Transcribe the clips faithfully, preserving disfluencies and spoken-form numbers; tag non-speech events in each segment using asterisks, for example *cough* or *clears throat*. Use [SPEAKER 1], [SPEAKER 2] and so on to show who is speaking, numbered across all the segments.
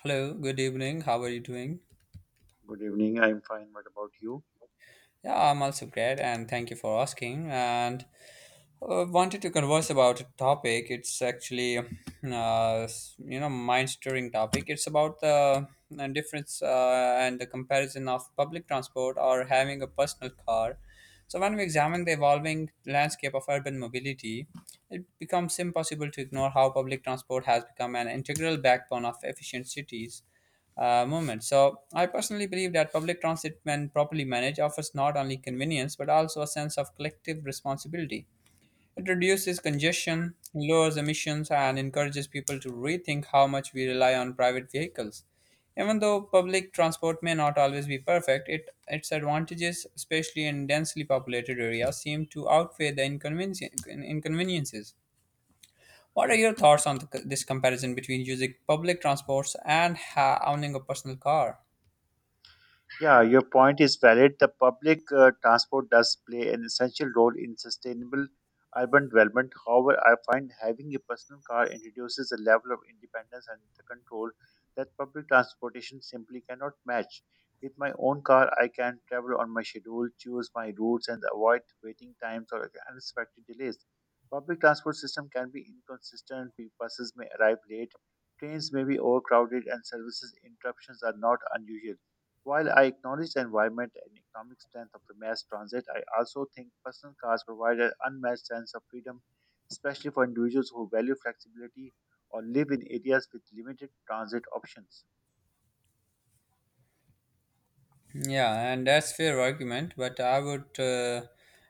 [SPEAKER 1] Hello, good evening. How are you doing?
[SPEAKER 2] Good evening. I'm fine. What about you?
[SPEAKER 1] Yeah, I'm also great and thank you for asking. And uh, wanted to converse about a topic. It's actually, uh, you know, mind-stirring topic. It's about the uh, difference uh, and the comparison of public transport or having a personal car. So when we examine the evolving landscape of urban mobility, it becomes impossible to ignore how public transport has become an integral backbone of efficient cities uh, movement. So I personally believe that public transit, when properly managed, offers not only convenience but also a sense of collective responsibility. It reduces congestion, lowers emissions, and encourages people to rethink how much we rely on private vehicles. Even though public transport may not always be perfect, it, its advantages, especially in densely populated areas, seem to outweigh the inconvenien- inconveniences. What are your thoughts on the, this comparison between using public transports and ha- owning a personal car?
[SPEAKER 2] Yeah, your point is valid. The public uh, transport does play an essential role in sustainable urban development. However, I find having a personal car introduces a level of independence and the control that public transportation simply cannot match. With my own car, I can travel on my schedule, choose my routes, and avoid waiting times or unexpected delays. Public transport system can be inconsistent. Buses may arrive late, trains may be overcrowded, and services interruptions are not unusual. While I acknowledge the environment and economic strength of the mass transit, I also think personal cars provide an unmatched sense of freedom, especially for individuals who value flexibility or live in areas with limited transit options.
[SPEAKER 1] Yeah, and that's fair argument, but I would uh,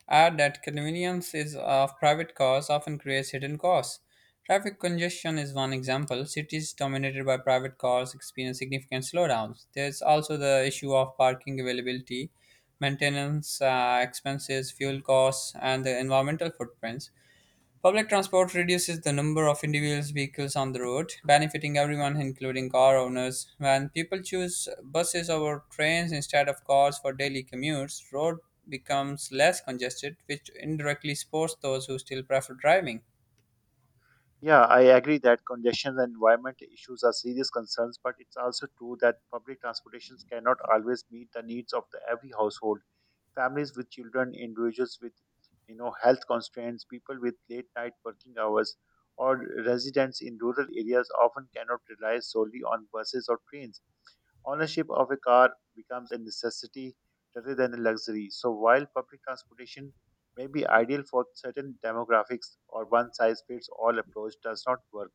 [SPEAKER 1] add that convenience is of private cars often creates hidden costs. Traffic congestion is one example. Cities dominated by private cars experience significant slowdowns. There's also the issue of parking availability, maintenance uh, expenses, fuel costs, and the environmental footprints. Public transport reduces the number of individual vehicles on the road, benefiting everyone, including car owners. When people choose buses over trains instead of cars for daily commutes, road becomes less congested, which indirectly supports those who still prefer driving.
[SPEAKER 2] Yeah, I agree that congestion and environment issues are serious concerns, but it's also true that public transportations cannot always meet the needs of the every household. Families with children, individuals with you know health constraints, people with late night working hours, or residents in rural areas often cannot rely solely on buses or trains ownership of a car becomes a necessity rather than a luxury. So, while public transportation may be ideal for certain demographics, or one size fits all approach does not work.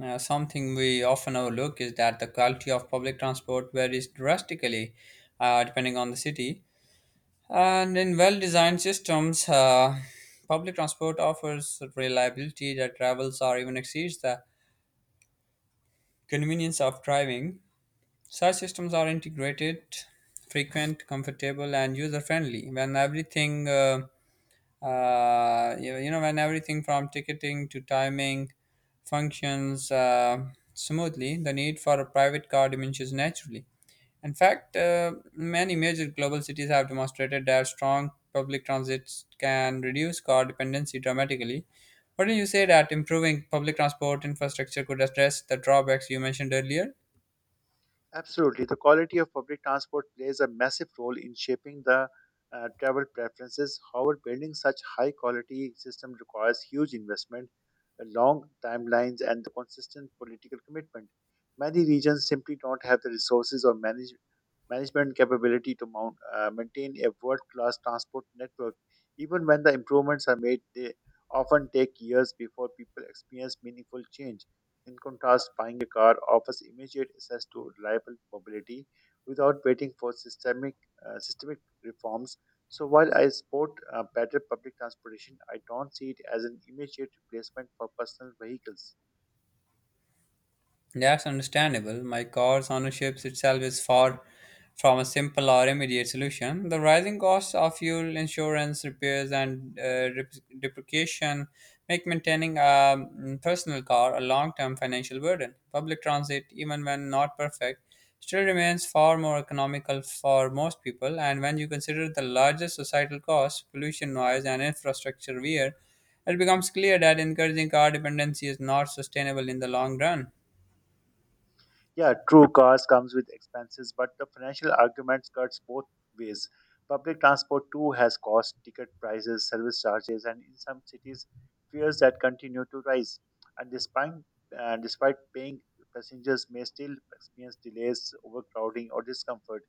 [SPEAKER 1] Uh, something we often overlook is that the quality of public transport varies drastically uh, depending on the city. And in well designed systems, uh, public transport offers reliability that travels or even exceeds the convenience of driving. Such systems are integrated, frequent, comfortable, and user-friendly. When everything, uh, uh, you you know, when everything from ticketing to timing functions uh, smoothly, the need for a private car diminishes naturally. In fact, uh, many major global cities have demonstrated that strong public transit can reduce car dependency dramatically. Wouldn't you say that improving public transport infrastructure could address the drawbacks you mentioned earlier?
[SPEAKER 2] Absolutely. The quality of public transport plays a massive role in shaping the uh, travel preferences. However, building such high quality system requires huge investment, uh, long timelines, and the consistent political commitment. Many regions simply don't have the resources or manage, management capability to mount, uh, maintain a world class transport network. Even when the improvements are made, they often take years before people experience meaningful change. In contrast, buying a car offers immediate access to reliable mobility without waiting for systemic uh, systemic reforms. So while I support uh, better public transportation, I don't see it as an immediate replacement for personal vehicles.
[SPEAKER 1] That's understandable. My car's ownership itself is far from a simple or immediate solution. The rising costs of fuel, insurance, repairs, and uh, rep- depreciation make maintaining a mm, personal car a long term financial burden. Public transit, even when not perfect, still remains far more economical for most people. And when you consider the largest societal costs, pollution, noise, and infrastructure wear, it becomes clear that encouraging car dependency is not sustainable in the long run.
[SPEAKER 2] Yeah, true, cars comes with expenses, but the financial arguments cuts both ways. Public transport too has cost, ticket prices, service charges, and in some cities, fares that continue to rise. And despite uh, despite paying, passengers may still experience delays, overcrowding, or discomfort.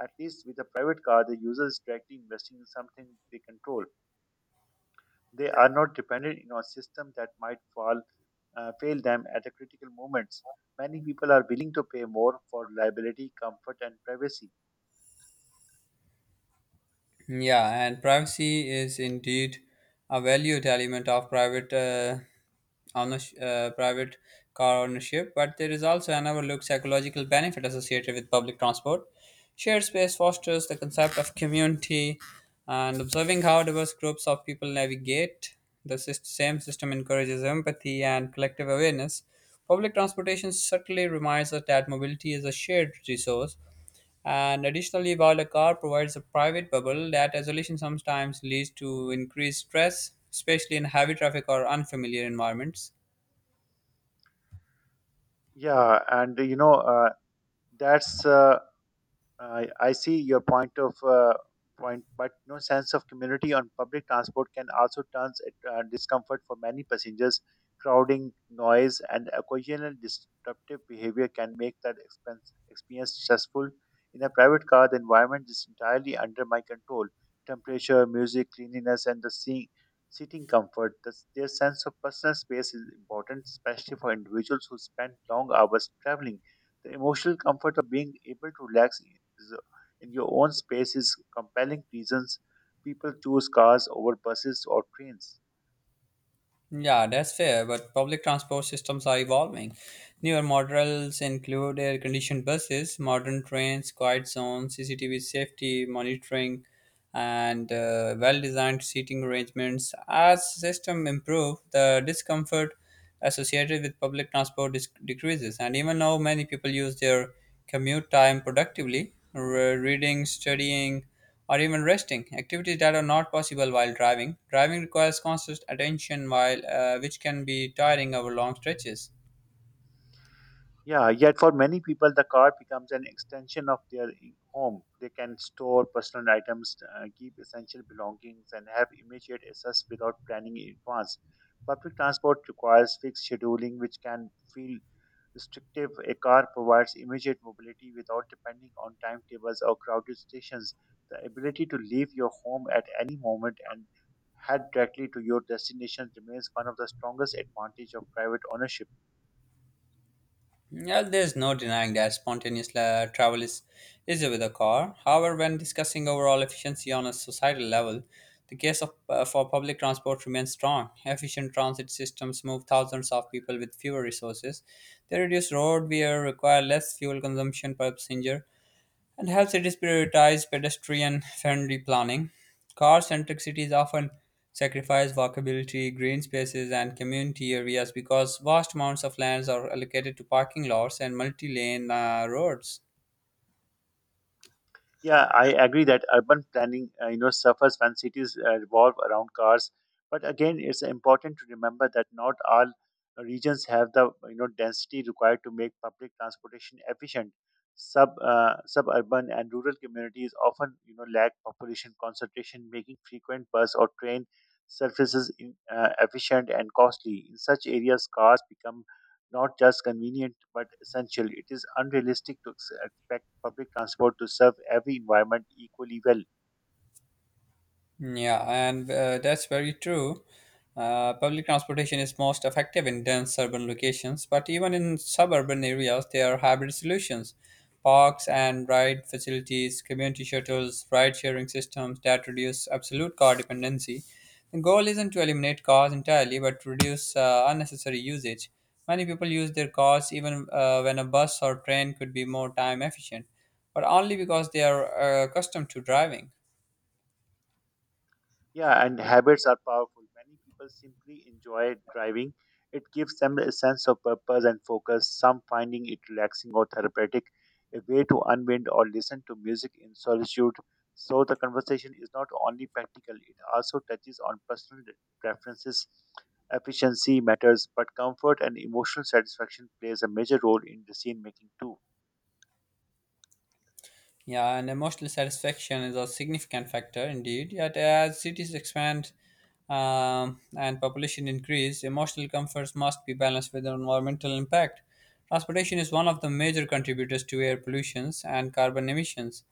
[SPEAKER 2] At least with a private car, the user is directly investing in something they control. They are not dependent on a system that might fall uh, fail them at the critical moments. Many people are willing to pay more for reliability, comfort, and privacy.
[SPEAKER 1] Yeah, and privacy is indeed a valued element of private uh, ownership, uh, private car ownership, but there is also an overlooked psychological benefit associated with public transport. Shared space fosters the concept of community, and observing how diverse groups of people navigate the sys- same system encourages empathy and collective awareness. Public transportation subtly reminds us that mobility is a shared resource and additionally, while a car provides a private bubble, that isolation sometimes leads to increased stress, especially in heavy traffic or unfamiliar environments.
[SPEAKER 2] Yeah, and you know uh, that's uh, I I see your point of uh, point, but no sense of community on public transport can also turn it uh, discomfort for many passengers. Crowding, noise, and occasional disruptive behavior can make that expense, experience stressful. In a private car, the environment is entirely under my control: temperature, music, cleanliness, and the seeing. Seating comfort. The- their sense of personal space is important, especially for individuals who spend long hours traveling. The emotional comfort of being able to relax is, uh, in your own space is compelling reasons people choose cars over buses or trains.
[SPEAKER 1] Yeah, that's fair, but public transport systems are evolving. Newer models include air conditioned buses, modern trains, quiet zones, C C T V safety monitoring, and uh, well designed seating arrangements. As system improve, the discomfort associated with public transport dis- decreases. And even now, many people use their commute time productively, re- reading, studying, or even resting, activities that are not possible while driving. Driving requires constant attention, while uh, which can be tiring over long stretches.
[SPEAKER 2] Yeah, yet for many people, the car becomes an extension of their i- home. They can store personal items, uh, keep essential belongings, and have immediate access without planning in advance. Public transport requires fixed scheduling, which can feel restrictive, a car provides immediate mobility without depending on timetables or crowded stations. The ability to leave your home at any moment and head directly to your destination remains one of the strongest advantages of private ownership.
[SPEAKER 1] Yeah, there's no denying that spontaneous la- travel is easier with a car. However, when discussing overall efficiency on a societal level, the case of, uh, for public transport remains strong. Efficient transit systems move thousands of people with fewer resources. They reduce road wear, require less fuel consumption per passenger, and have cities prioritize pedestrian friendly planning? Car centric cities often sacrifice walkability, green spaces, and community areas because vast amounts of lands are allocated to parking lots and multi lane uh, roads.
[SPEAKER 2] Yeah, I agree that urban planning, uh, you know, suffers when cities uh, revolve around cars. But again, it's important to remember that not all regions have the you know density required to make public transportation efficient. Sub uh, suburban and rural communities often you know lack population concentration, making frequent bus or train services in, uh, efficient and costly. In such areas, cars become not just convenient but essential. It is unrealistic to ex- expect public transport to serve every environment equally well.
[SPEAKER 1] Yeah, and uh, that's very true. Uh, public transportation is most effective in dense urban locations, but even in suburban areas, there are hybrid solutions. Parks and ride facilities, community shuttles, ride sharing systems that reduce absolute car dependency. The goal isn't to eliminate cars entirely, but to reduce uh, unnecessary usage. Many people use their cars even uh, when a bus or train could be more time efficient, but only because they are uh, accustomed to driving.
[SPEAKER 2] Yeah, and habits are powerful. Many people simply enjoy driving. It gives them a sense of purpose and focus, some finding it relaxing or therapeutic, a way to unwind or listen to music in solitude. So the conversation is not only practical, it also touches on personal preferences. Efficiency matters, but comfort and emotional satisfaction plays a major role in decision making too.
[SPEAKER 1] Yeah, and emotional satisfaction is a significant factor indeed. Yet, as cities expand um, and population increase, emotional comforts must be balanced with environmental impact. Transportation is one of the major contributors to air pollutions and carbon emissions.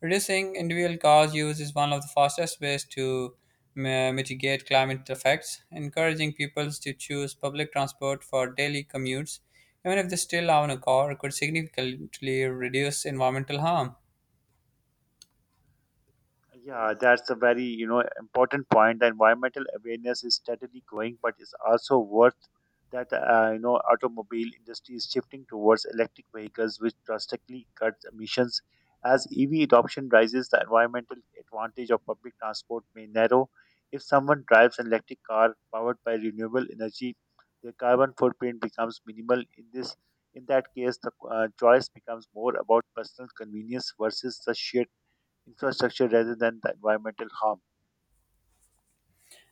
[SPEAKER 1] Reducing individual cars use is one of the fastest ways to mi- mitigate climate effects. Encouraging people to choose public transport for daily commutes, even if they still own a car, could significantly reduce environmental harm.
[SPEAKER 2] Yeah, that's a very you know important point. The environmental awareness is steadily growing, but it's also worth that uh, you know automobile industry is shifting towards electric vehicles, which drastically cuts emissions. As E V adoption rises, the environmental advantage of public transport may narrow. If someone drives an electric car powered by renewable energy, their carbon footprint becomes minimal. In this, in that case, the uh, choice becomes more about personal convenience versus the sheer infrastructure rather than the environmental harm.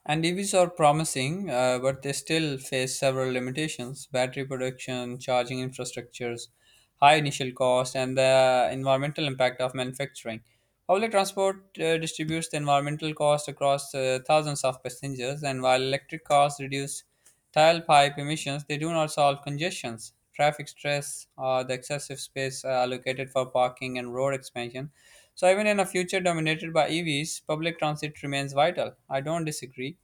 [SPEAKER 1] And E Vs are promising, uh, but they still face several limitations battery production, charging infrastructures, high initial cost, and the environmental impact of manufacturing. Public transport uh, distributes the environmental cost across uh, thousands of passengers, and while electric cars reduce tailpipe emissions, they do not solve congestions, traffic stress, or the excessive space uh, allocated for parking and road expansion. So even in a future dominated by E Vs, public transit remains vital. I don't disagree.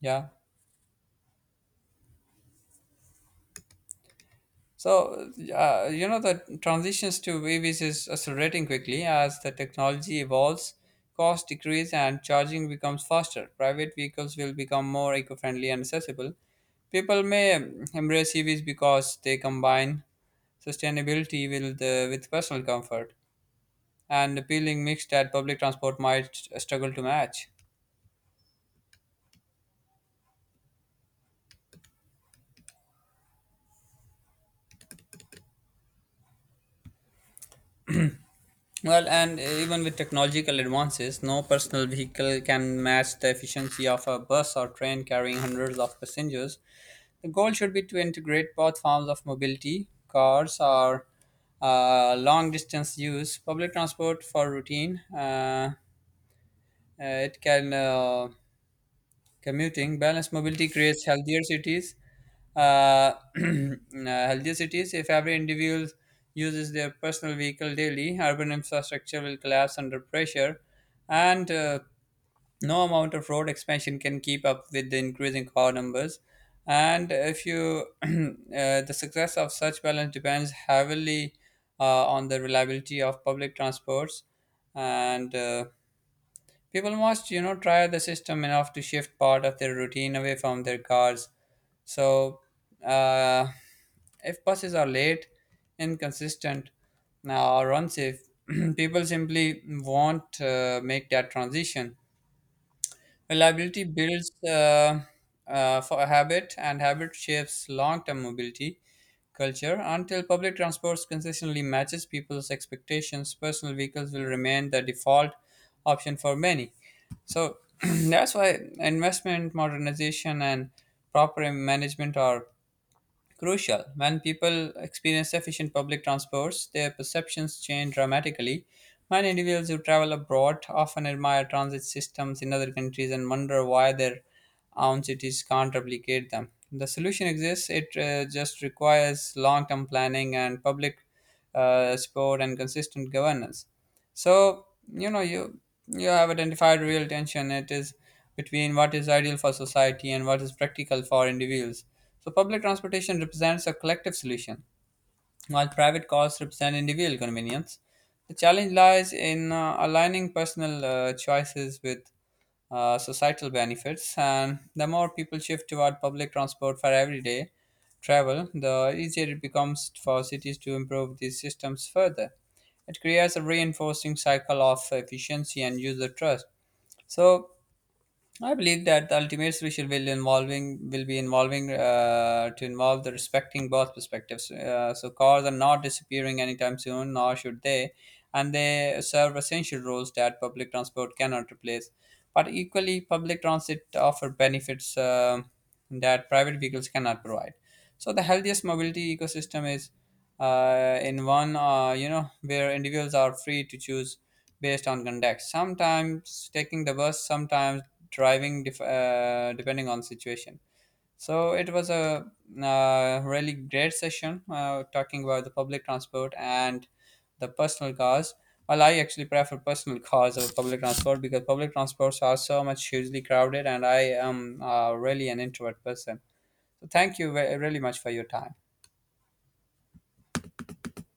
[SPEAKER 1] Yeah. So, uh, you know, the transitions to E Vs is accelerating quickly as the technology evolves, costs decrease, and charging becomes faster. Private vehicles will become more eco friendly and accessible. People may um, embrace E Vs because they combine sustainability with, uh, with personal comfort, and appealing mix that public transport might struggle to match. Well, and uh, even with technological advances, no personal vehicle can match the efficiency of a bus or train carrying hundreds of passengers. The goal should be to integrate both forms of mobility, cars or uh, long distance use, public transport for routine. Uh, uh, it can uh, Commuting balanced mobility creates healthier cities uh, *clears throat* uh, healthier cities if every individual uses their personal vehicle daily urban infrastructure will collapse under pressure and uh, no amount of road expansion can keep up with the increasing car numbers and if you *clears throat* uh, the success of such balance depends heavily uh, on the reliability of public transports and uh, people must, you know, try the system enough to shift part of their routine away from their cars. So, uh, if buses are late, inconsistent, uh, or unsafe, *clears throat* people simply won't uh, make that transition. Reliability builds uh, uh, for a habit, and habit shapes long-term mobility culture. Until public transport consistently matches people's expectations, personal vehicles will remain the default option for many. So *clears throat* that's why investment, modernization, and proper management are crucial. When people experience efficient public transports, their perceptions change dramatically. Many individuals who travel abroad often admire transit systems in other countries and wonder why their own cities can't replicate them. The solution exists, it uh, just requires long term planning and public uh, support and consistent governance. So, you know, you you have identified real tension. It is between what is ideal for society and what is practical for individuals. So, public transportation represents a collective solution, while private cars represent individual convenience. The challenge lies in uh, aligning personal uh, choices with uh, societal benefits, and the more people shift toward public transport for everyday travel, the easier it becomes for cities to improve these systems further. It creates a reinforcing cycle of efficiency and user trust. So, I believe that the ultimate solution will involving will be involving uh, to involve the respecting both perspectives. Uh, so cars are not disappearing anytime soon, nor should they, and they serve essential roles that public transport cannot replace. But equally, public transit offer benefits um that private vehicles cannot provide. So the healthiest mobility ecosystem is uh, in one uh, you know where individuals are free to choose based on context. Sometimes taking the bus, sometimes driving def- uh, depending on situation. So it was a uh, really great session uh, talking about the public transport and the personal cars. Well, I actually prefer personal cars over public transport because public transports are so much hugely crowded and I am uh, really an introvert person. So thank you ve- really much for your time.